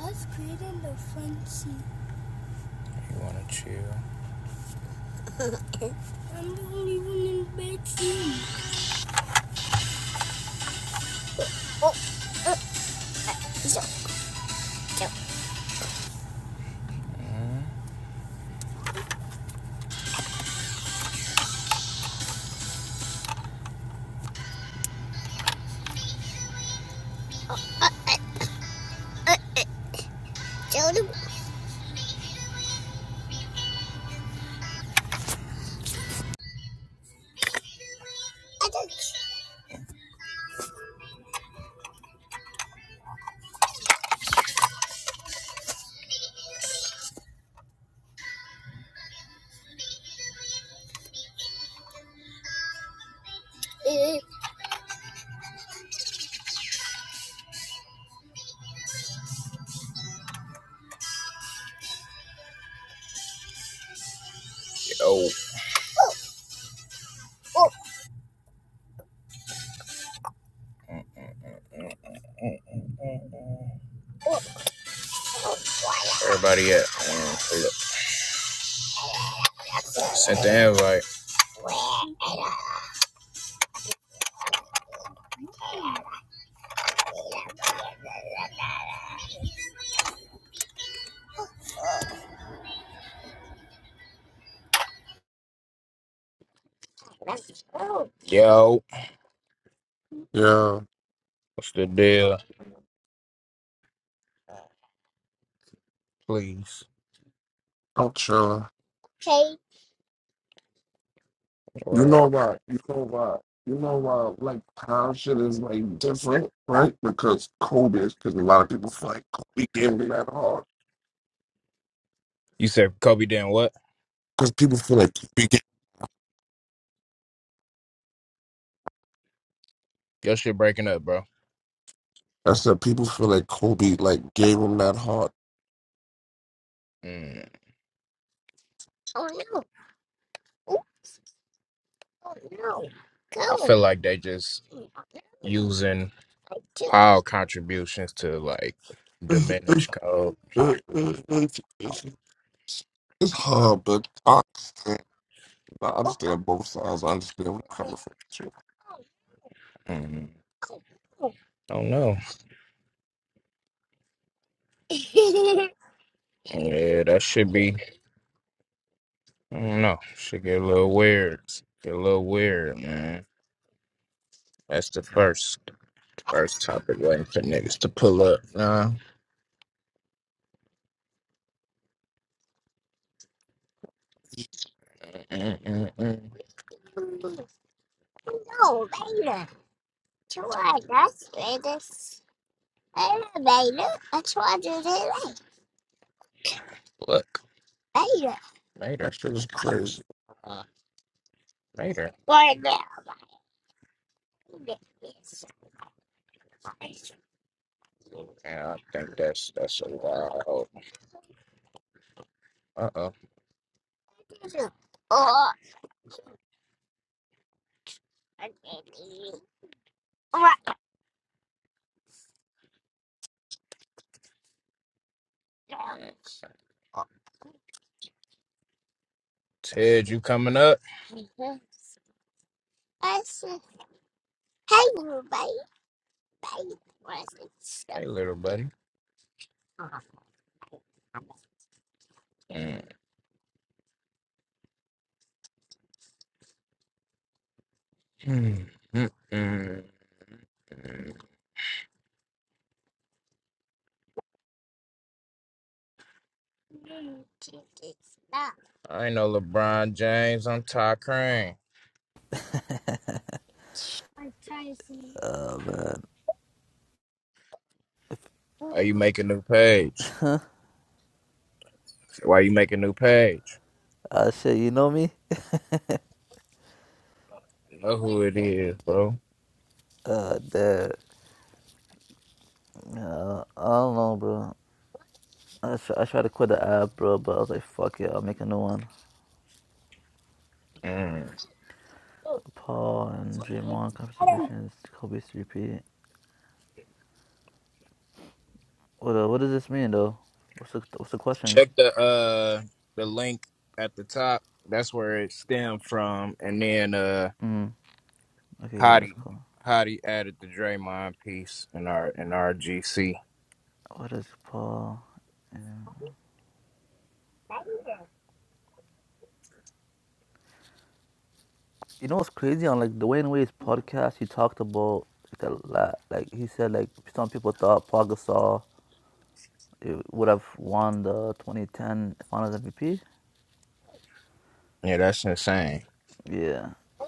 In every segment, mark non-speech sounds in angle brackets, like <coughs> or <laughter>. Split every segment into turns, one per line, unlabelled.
Let's create in the front seat. You want to chew? <laughs> I'm the only one in the back seat. Oh, uh, so, so, uh, uh, uh, tell them I don't see. Yo. Oh. Oh. Yeah, sent the invite. Yo.
Yeah,
What's the deal? Please.
I'm chilling.
Okay.
You
Or
know why? You know why? You know why? Like how shit is like different, right? Because Kobe because a lot of people feel like Kobe gave him that heart.
you said Kobe didn't what?
Because people feel like Kobe gave.
Your shit breaking up, bro.
I said people feel like Kobe like gave him that heart.
Mm. Oh no. Oh no. Go. I feel like they just using our contributions to like
<laughs>
diminish
it's
code.
hard, but I understand. I understand both sides. I understand where you're coming from. too.
Mm, I don't know. Yeah, that should be. I don't know. Should get a little weird. Get a little weird, man. That's the first first topic waiting for niggas to pull up. Nah. Mm, mm, mm, mm. No, later. Try that's later. Later, later. I tried to do later. Look. Later. Later.
That shit is crazy.
Uh, later. Right now. Yeah, I think that's that's a wild. Uh oh. Oh, Ted, you coming up? I said, hey, little buddy. Hey, little buddy. Mm, mm, mm, mm. I know LeBron James. I'm Ty Crane. Are you making a new page? Why you make a new page?
Uh, shit, you know me?
Know who it is, bro.
Uh, that, uh, I don't know, bro. I, tr- I tried to quit the app, bro, but I was like, fuck it, I'll make a new one.
Mm.
Paul and Draymond contributions, Kobe's 3P. What, uh, what does this mean, though? What's the, what's the question?
Check the uh the link at the top. That's where it stemmed from. And then uh
Mm, okay, what is
Hottie.
cool?
Hottie added the Draymond piece in our in our GC.
What is Paul? and- You know what's crazy on, like, Dwayne Wade's podcast, he talked about, like, a lot. Like, he said, like, some people thought Paul Gasol eh, would have won the 2010 Finals MVP.
Yeah, that's insane.
Yeah,
Yeah,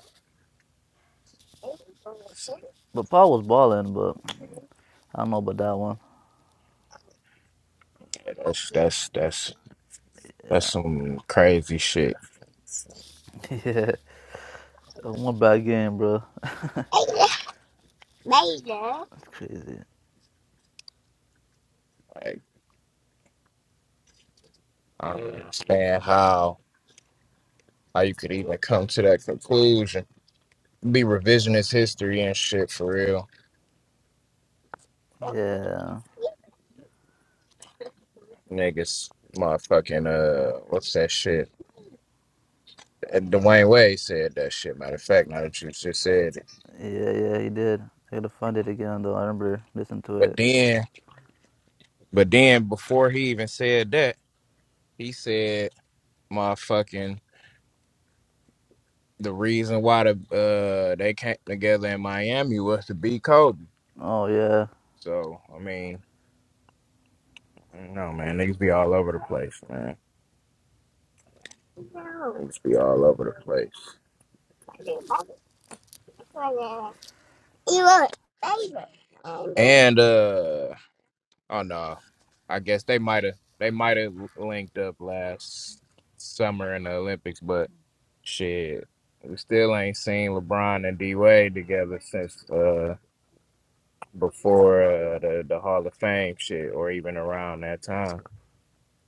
But Paul was balling, but I don't know about that one.
That's that's that's that's
Yeah.
some crazy shit.
<laughs> Yeah. One bad game, bro.
Like,
That's crazy.
I don't understand how how you could even come to that conclusion. be revisionist history and shit for real.
Yeah.
Niggas, motherfucking, uh, what's that shit? And Dwayne Wade said that shit, matter of fact, now that you just said it.
Yeah, yeah, he did. I gotta find it again though. I remember listening to
But
it.
then, but then before he even said that, he said, motherfucking, the reason why the, uh, they came together in Miami was to beat Kobe.
Oh yeah.
So, I mean, I don't know, man. Niggas be all over the place, man. Niggas be all over the place. You were favorite. And uh oh no. I guess they might have they might have linked up last summer in the Olympics, but shit. We still ain't seen LeBron and D Wade together since uh before uh, the the Hall of Fame shit or even around that time.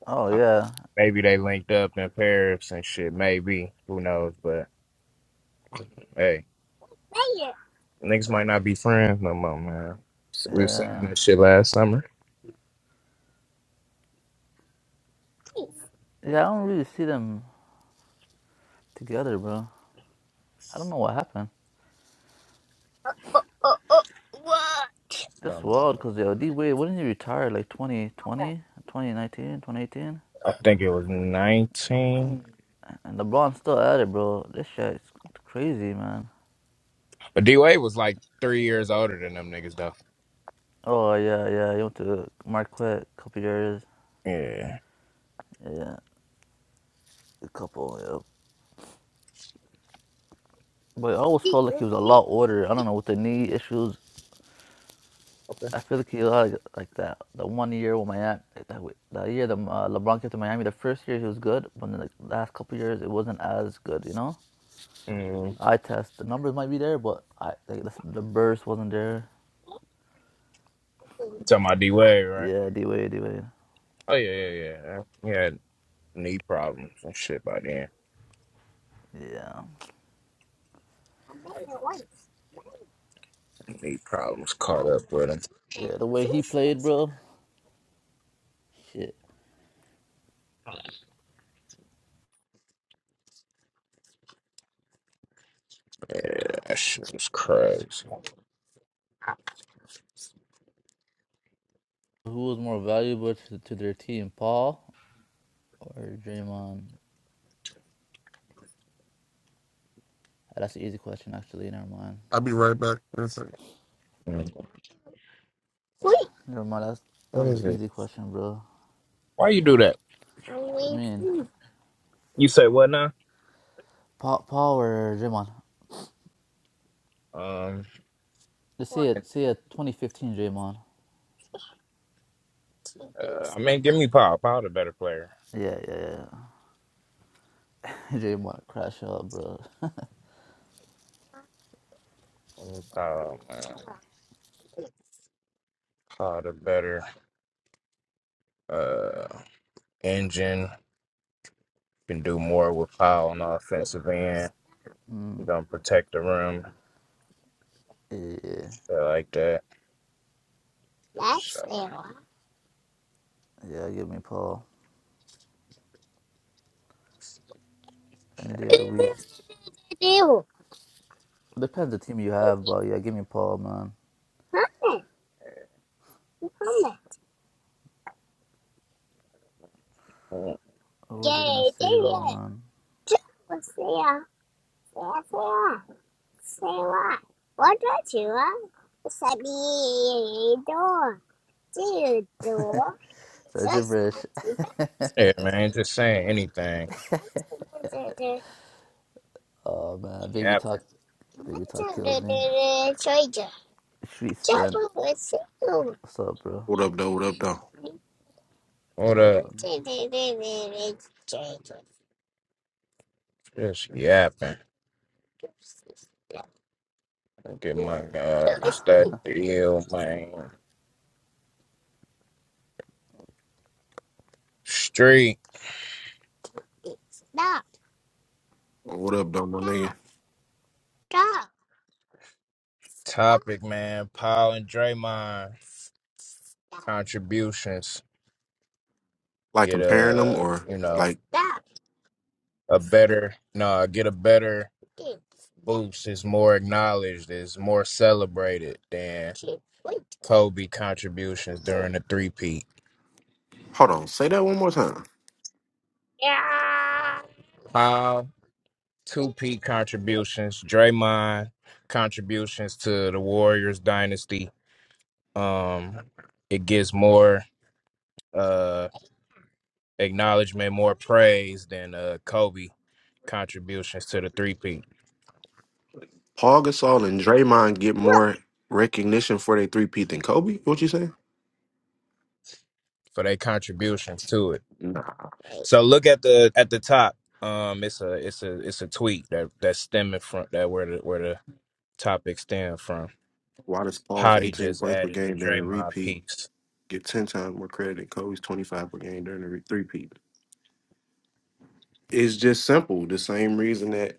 Oh
Uh,
yeah.
Maybe they linked up in Paris and shit, maybe. Who knows? But hey, niggas might not be friends no more, man. We were saying
Yeah.
that shit last summer.
Yeah, I don't really see them together, bro. I don't know what happened.
Oh, oh, what?
That's
Something like
wild because yo, D Wade, wouldn't he retire like 2020,
that.
2019, 2018,
I think it was 19.
And LeBron's still at it, bro. This shit's crazy, man.
But D Wade was like three years older than them niggas, though.
Oh yeah, yeah. He went to Marquette a couple years.
Yeah.
Yeah, a couple. Yeah. But I always felt like he was a lot older. I don't know with the knee issues.
Okay.
I feel like he had like, like that. The one year with Miami, that, wa- that year the uh, LeBron came to Miami. The first year he was good, but then the last couple years it wasn't as good. You know,
Mm.
eye test. The numbers might be there, but I like, the, the burst wasn't there.
Talking about D Wade, right?
Yeah, D Wade, D Wade.
Oh, yeah, yeah, yeah. He had knee problems and shit by then.
Yeah,
Knee problems caught up with him.
yeah. The way he played, bro. Shit.
Yeah, that shit was crazy.
Who was more valuable to, to their team, Paul or Draymond? That's an easy question, actually. Never mind.
I'll be right back. in a second.
Mm.
Never mind. That's, that
What
was
is
an
it?
easy question, bro.
Why you do that?
I mean,
You say what now?
Paul, Paul or Draymond?
Um,
Let's see it. See it. 2015 Draymond.
Uh, I mean, give me Paul. Paul the better player.
Yeah, yeah, yeah. <laughs> Draymond crash out, bro.
Give me Paul, man. Paul the better uh, engine. Can do more with Paul on the offensive end. He's
Mm,
gonna protect the rim.
yeah, yeah,
I like that. So,
yeah. Give me Paul any day of the week. Depends the team you have, but yeah, give me Paul, man.
mm,
What was I gonna say though, man?
Dude, door.
It's that
Just
gibberish.
acting back. Hey man, just saying anything. That's what I
Oh man, baby
Yeah.
talk, baby talk
Imagine
kills me. Street spent. What's up, bro?
What up, though? What up, though?
What up,
up?
bro?
Just yapping. Look at my God. It's that deal, man. Street stop,
What up, though, my nigga?
stop, stop, topic, man. Paul and Draymond contributions.
Like
get
comparing them
a
or
you know
like,
Stop. a better no get a better boost is more acknowledged is more celebrated than Kobe contributions during the three peat.
hold on, say that one more time.
Yeah, Paul two peat contributions, Draymond contributions to the Warriors dynasty. Um, it gets more uh acknowledgement, more praise than uh Kobe contributions to the three peat.
Paul Gasol and Draymond get more recognition for their three peat than Kobe. What you saying?
for their contributions to it.
Nah.
So look at the at the top. Um, it's a it's a it's a tweet that that's stemming from that where the where the topic stem from.
Why does Paul's
Hottie
18
just
points per
added the
game during the
Draymond
repeat
piece.
get 10 times more credit than Kobe's 25 per game during the re- three peat? It's just simple. The same reason that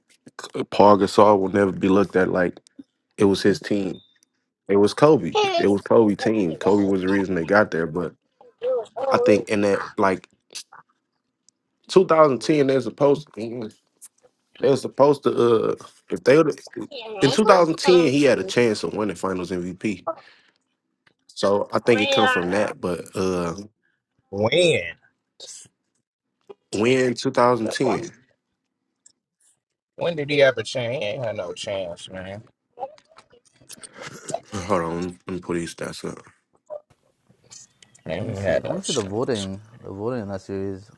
Paul Gasol will never be looked at like it was his team. It was Kobe. It
Paris,
was Kobe team. Kobe was the reason they got there, but I think in that like 2010 they're supposed they're supposed to uh if they would in 2010 he had a chance of winning finals MVP. So I think it come from
When?
that, but uh when
Look,
2010.
When did he ever change? He ain't had no chance, man.
Hold on, let me put these stats up.
Let
Man,
me
he
see.
had
I
no
want to see the
chance.
voting, the voting in that series.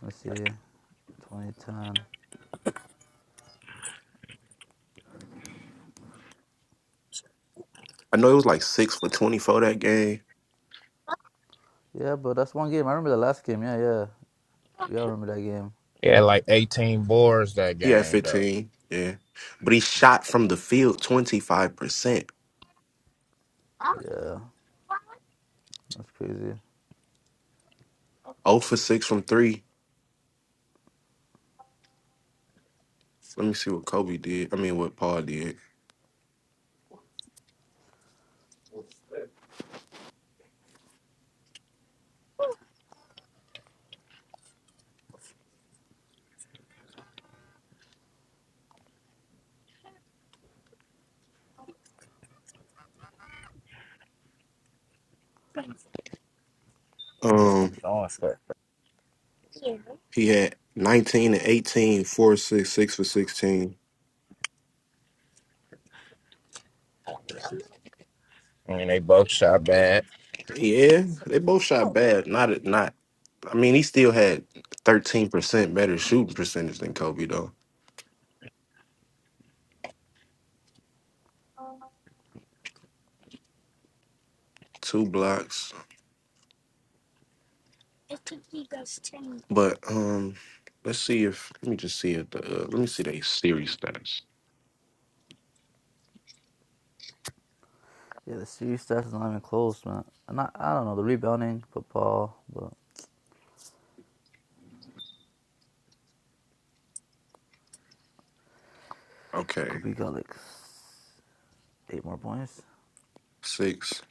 Let me see. 2010.
I know it was like six for 24 that game.
Yeah, but that's one game. I remember the last game. Yeah, yeah. We all remember that game.
He had like 18 boards that
He had
game, though.
15, yeah. But he shot from the field 25%.
Yeah, that's crazy.
0 for 6 from three. Let me see what Kobe did. I mean what Paul did.
He was
Um,
fucking awesome.
He had 19 and 18, 4 6 6 for 16.
I mean, they both shot bad.
Yeah, they both shot bad. Not not I mean, he still had 13% better shooting percentage than Kobe though. Two blocks.
Mhm.
But um let's see if let me just see if the uh, let me see the series stats.
Yeah, the series stats is not even close, man. And I, I don't know, the rebounding, football, but
Okay.
Kobe got like s- eight more points.
6.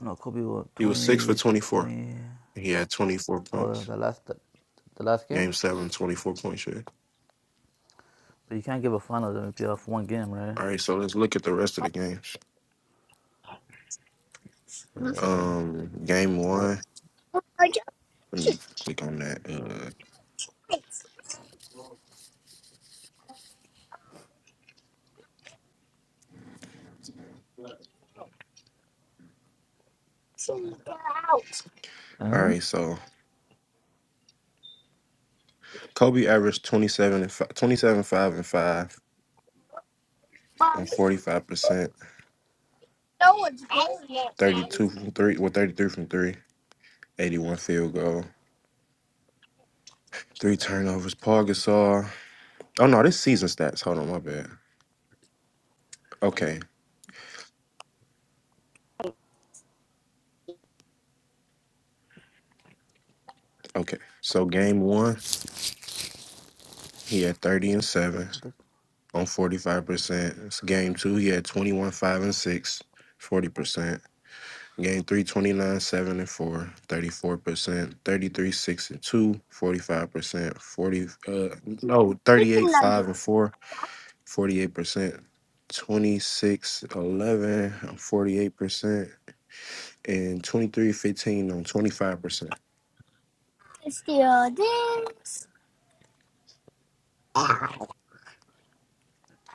No, Kobe what,
He was 6 for
20,
24.
20.
He had 24
Oh, the,
points.
the last the, the last game?
Game 7, 24 points, yeah.
But you can't give a finals MVP off one game, right?
All right, so let's look at the rest of the games.
Yeah.
Um game
Yeah, that,
1, let me click on that. uh, All right, so Kobe averaged 27 and 5, 27, 5 and 5 on 45%, 32 from 3, well, 33 from 3, 81 field goal, 3 turnovers. Paul Gasol. Oh, no, this season stats. Hold on, my bad. Okay, okay. So game one, he had 30 and 7
I, think,
on 45%. game two, he had 21, 5 and six, forty percent Game 329, 7 and four thirty four percent 33, 6 and two forty five percent 40, uh, no, 38, 5 and four forty eight percent 26, 11, 48%, and 23 15 on 25%.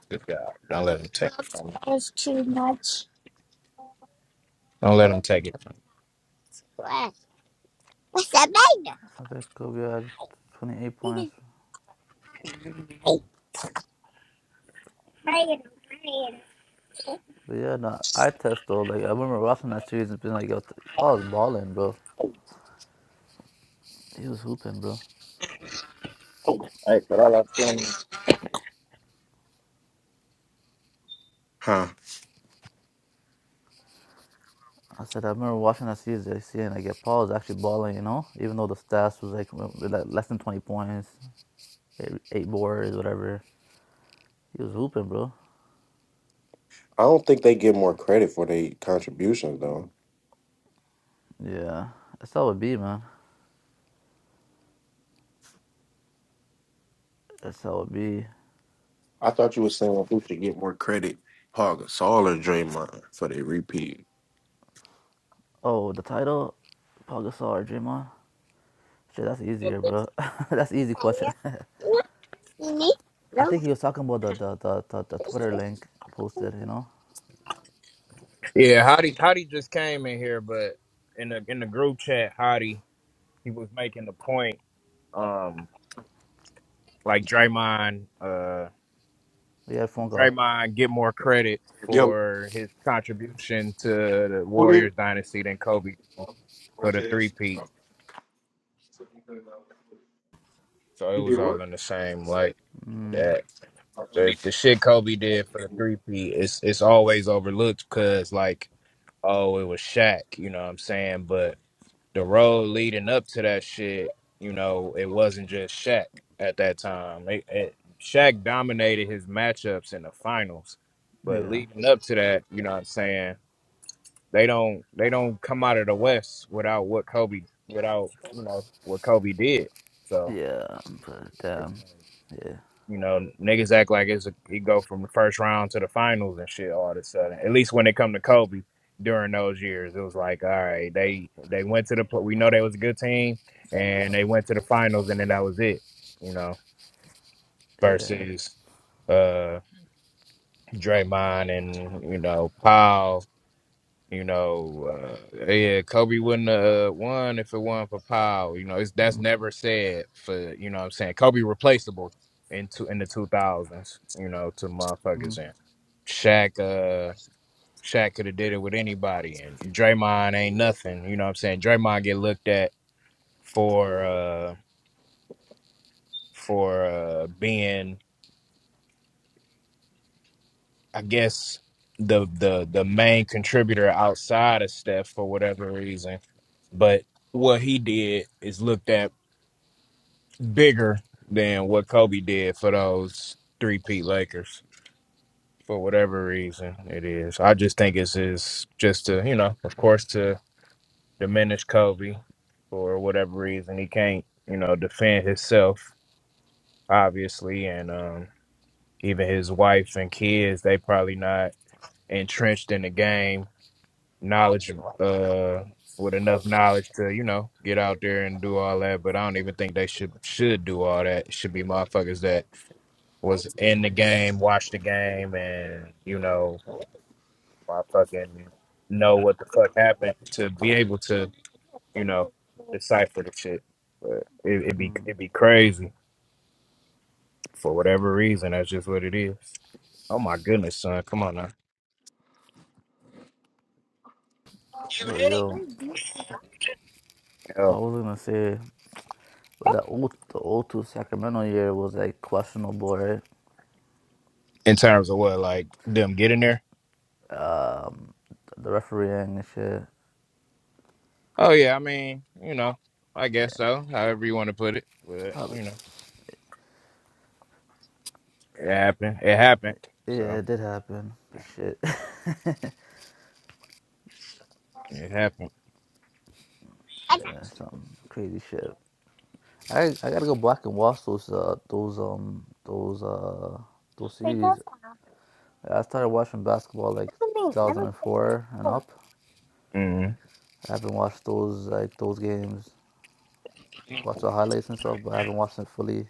Good God! Don't let them take it from you. Don't let them take it.
I think Kobe had 28 points. But yeah, no, I test though. Like, I remember watching that series and being like, yo, Paul's balling, bro. He was hooping, bro.
Huh.
I said, I remember watching that season, seeing like, yeah, Paul was actually balling, you know? Even though the stats was like, like less than 20 points, eight, eight boards, whatever. He was hooping, bro.
I don't think they get more credit for their contributions, though.
Yeah. That's how it be, man. That's how it be.
I thought you were saying who should get more credit, Paul Gasol or Draymond, for their repeat.
Oh, the title? Paul Gasol or Draymond? Shit, that's easier, bro. <laughs> that's an easy question. <laughs> I think he was talking about the, the, the, the, the Twitter link posted, you know?
Yeah, Hottie, Hottie just came in here, but in the in the group chat, Hottie he was making the point, um, like Draymond, uh,
We had a phone call.
Draymond get more credit
Yo,
for his contribution to the Warriors dynasty than Kobe for the three peat. So it was all in the same like
Mm,
that. The, the shit Kobe did for the three peat, it's it's always overlooked because like, oh, it was Shaq, you know what I'm saying? But the road leading up to that shit, you know, it wasn't just Shaq at that time. It, it, Shaq dominated his matchups in the finals, but
yeah.
leading up to that, you know what I'm saying? They don't they don't come out of the West without what Kobe without you know what Kobe did. So
Yeah, but
it's
damn.
like
Yeah.
you know, niggas act like it's a, he go from the first round to the finals and shit all of a sudden. At least when it come to Kobe during those years, it was like, all right, they they went to the pl- we know they was a good team and they went to the finals and then that was it. You know,
Yeah. yeah.
versus uh Draymond and you know Powell you know, uh, yeah, Kobe wouldn't have won if it wasn't for Powell. You know, it's that's
Mm,
never said for you know what I'm saying. Kobe replaceable in two, in the two thousands, you know, to
Hmm.
motherfuckers and Shaq uh Shaq could have did it with anybody and Draymond ain't nothing. You know what I'm saying? Draymond get looked at for uh for uh being I guess the the the main contributor outside of Steph for whatever reason. But what he did is looked at bigger than what Kobe did for those three Pete Lakers for whatever reason it is. I just think it's is just to, you know, of course to diminish Kobe for whatever reason. He can't, you know, defend himself, obviously, and um even his wife and kids, they probably not entrenched in the game, knowledge uh with enough knowledge to, you know, get out there and do all that. But I don't even think they should should do all that. It should be motherfuckers that was in the game, watched the game, and you know, I fucking know what the fuck happened to be able to, you know, decipher the shit. But it, it be
mm.
it be crazy for whatever reason. That's just what it is. Oh my goodness, son, come on now.
But yo, I
Hell,
was gonna say, but the old the old two Sacramento year was like questionable, right?
in terms of what, like them getting there?
Um, the refereeing and shit.
Oh yeah, I mean, you know, I guess so. However you want to put it, but
Probably,
you know, it happened. It happened.
yeah,
So
it did happen, but shit, <laughs>
it happened.
yeah, some crazy shit. I I gotta go back and watch those uh those um those uh those
Because
series. I started watching basketball like
everything
2004 and up.
before.
I haven't watched those like those games. Watched the highlights and stuff, but I haven't watched it fully.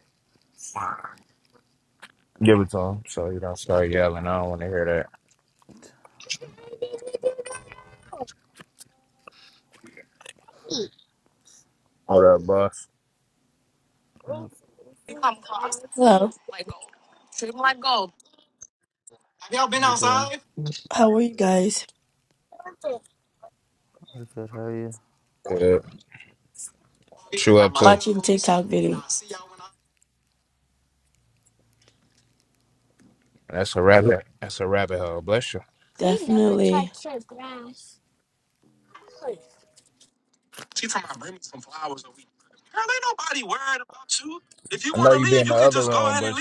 Give it to him so you don't start yelling. I don't want to hear that. Hold up, boss?
Yep.
Hello,
How you doing?
how are you guys?
I'm good. How are you?
Yeah. Chew up too.
Watching TikTok video.
That's a rabbit. That's a rabbit hole. Bless you.
Definitely.
I know you be in the other room, but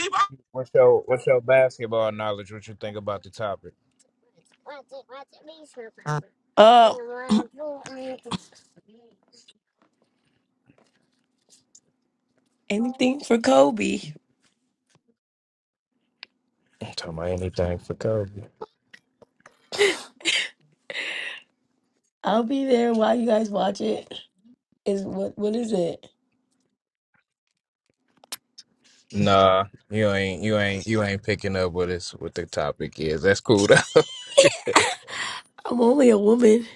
what's your what's your basketball knowledge? What you think about the topic? Tell me
Um, anything for Kobe?
anything for Kobe.
I'll be there while you guys watch it. Is what? What is it?
Nah, you ain't you ain't you ain't picking up what it's what the topic is. That's cool though. <laughs>
<laughs> I'm only a woman.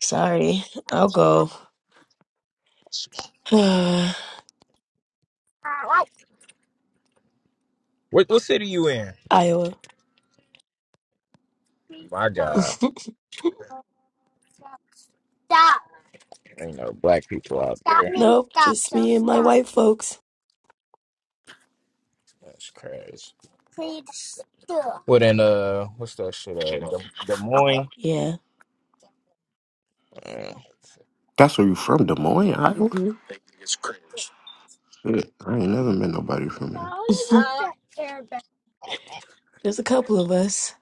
Sorry, I'll go. <sighs>
Uh, what what city you in?
Iowa.
My God,
<laughs>
ain't no black people out there.
nope, just me and my white folks.
That's crazy. What in uh, what's that shit? Uh, Des, Des Moines.
Yeah.
<laughs> Yeah.
that's where you from, Des Moines, Iowa?
hmm
Shit, I ain't never met nobody from there.
<laughs>
Uh,
There's a couple of us.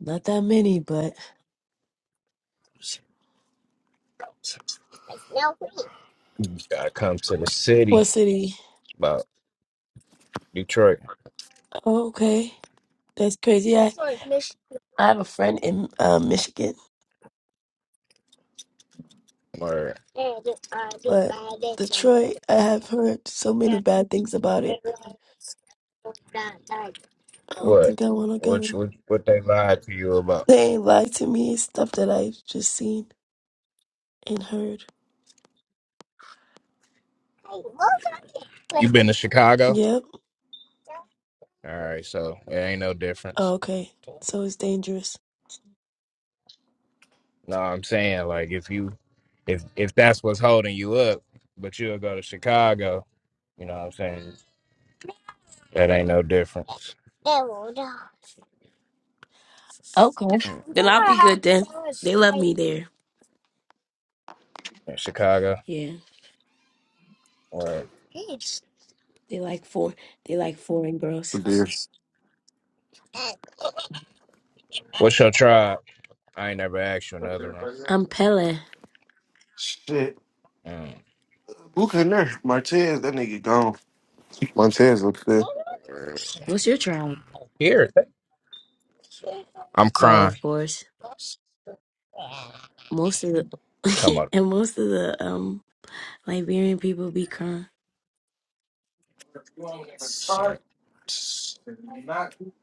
Not that many, but
Gotta come to the
what
city,
city?
about Detroit.
Oh, okay, that's crazy. I
Word.
I have a friend in uh, Michigan.
What?
But Detroit, I have heard so many bad things about it. I don't think I want to
What?
go.
What? What they lied to you about?
They ain't lied to me. It's stuff that I've just seen and heard.
You been to Chicago?
Yep.
All right, so it ain't no
Oh,
difference.
okay. So it's dangerous.
No, I'm saying like if you, if if that's what's holding you up, but you'll go to Chicago. You know what I'm saying? That ain't no difference. In
Okay. Then I'll be good then. They love me there.
Chicago
Yeah.
or
They like for they like foreign girls.
But there's
what's your tribe? I ain't never asked you another
I'm Pele.
shit.
one.
Who can there? Martez, that nigga gone. Martez up there.
Mm.
What's your tribe?
Here, th- I'm
Oh,
crying.
of course. Most of
Talking
the
about.
<laughs> and most of the um Liberian people be crying.
Uh,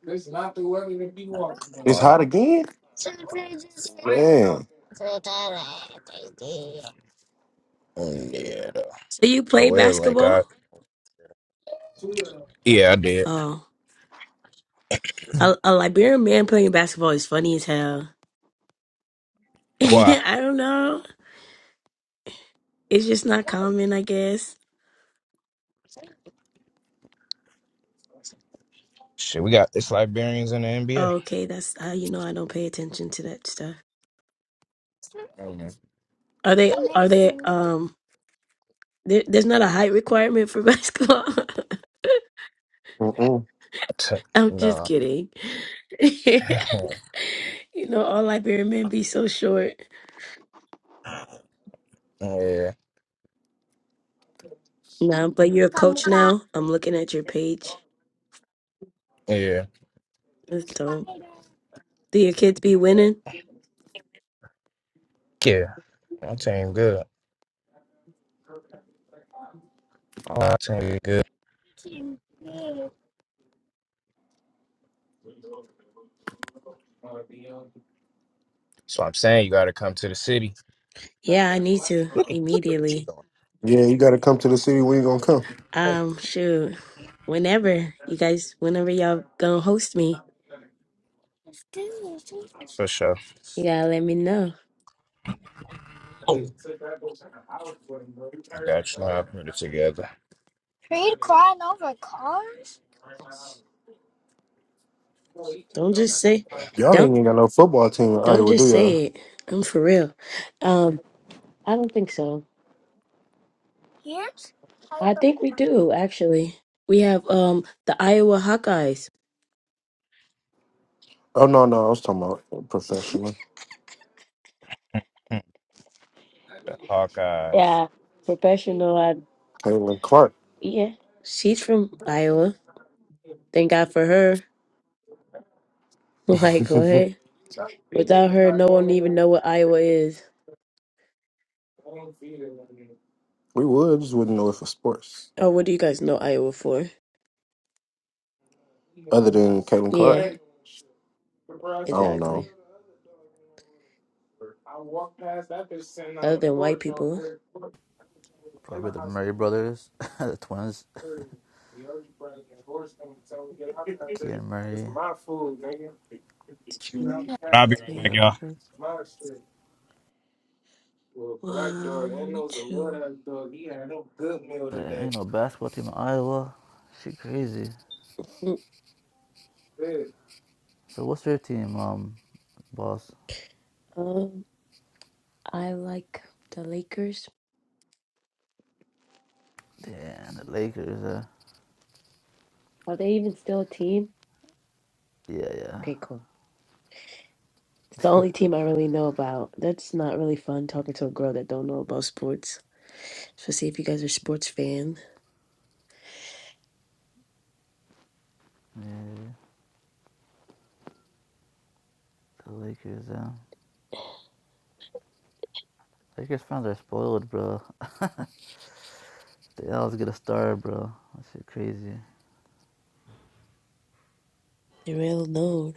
It's not the weather to be walking on. It's
Mm.
hot again? Man.
Oh, yeah. though.
So you
But
play
Well, like
basketball?
I. Yeah, I did.
Oh.
<coughs>
A, a Liberian man playing basketball is funny as hell. <laughs>
Why?
I don't know. It's just not common, I guess.
Shit, we got it's Liberians in the NBA.
Okay, that's how you know I don't pay attention to that stuff.
Mm.
Are they? Are they? Um, there, there's not a height requirement for <laughs> basketball.
Mm-mm.
T-
I'm just
no.
kidding. <laughs> you
<laughs>
know, all Liberian men be so short.
yeah.
No, but you're a coach now. I'm looking at your page.
Yeah.
That's dope. Do your kids be winning?
Yeah. My team good. Oh, my team is good. So I'm saying you gotta come to the city.
Yeah, I need to
Look at, look at what
immediately.
Yeah, you gotta come to the city when you gonna come.
Um, shoot, whenever you guys, whenever y'all gonna host me,
you're doing. For sure.
you gotta let me know.
I got you. Know how I put it together. Yeah.
Don't just say,
Y'all ain't
don't,
even got no football team in
don't
Iowa, do
just
y'all?
say it. I'm for real. Um, I don't think so.
<laughs>
I think we do actually. We have um the Iowa Hawkeyes.
Oh no, no, I was talking about
<laughs>
professional.
Hawkeyes.
Yeah, professional. I,
Caitlin Clark.
yeah, she's from Iowa. Thank God for her. <laughs>
<laughs>
Like what? Without her, no one even know what Iowa is.
we would, just wouldn't know it for sports.
Oh, what do you guys know Iowa for?
Other than Caitlin Clark.
Yeah,
I don't know.
exactly. other than white people.
Probably the Murray brothers, <laughs> the twins, Kean Murray.
One,
But I'll be right back,
three,
Yep.
y'all.
four. One, two.
There ain't no basketball team in Iowa. She crazy.
Mm,
So what's your team, um, boss?
Um, I like the Lakers.
Damn, the Lakers. Uh,
Are they even still a team?
yeah, yeah,
Okay, cool. It's the only team I really know about. That's not really fun talking to a girl that don't know about sports. Especially if you guys are sports fan.
yeah. The Lakers. Uh, Lakers fans are spoiled, bro. They always get a star, bro. That shit crazy.
They really know.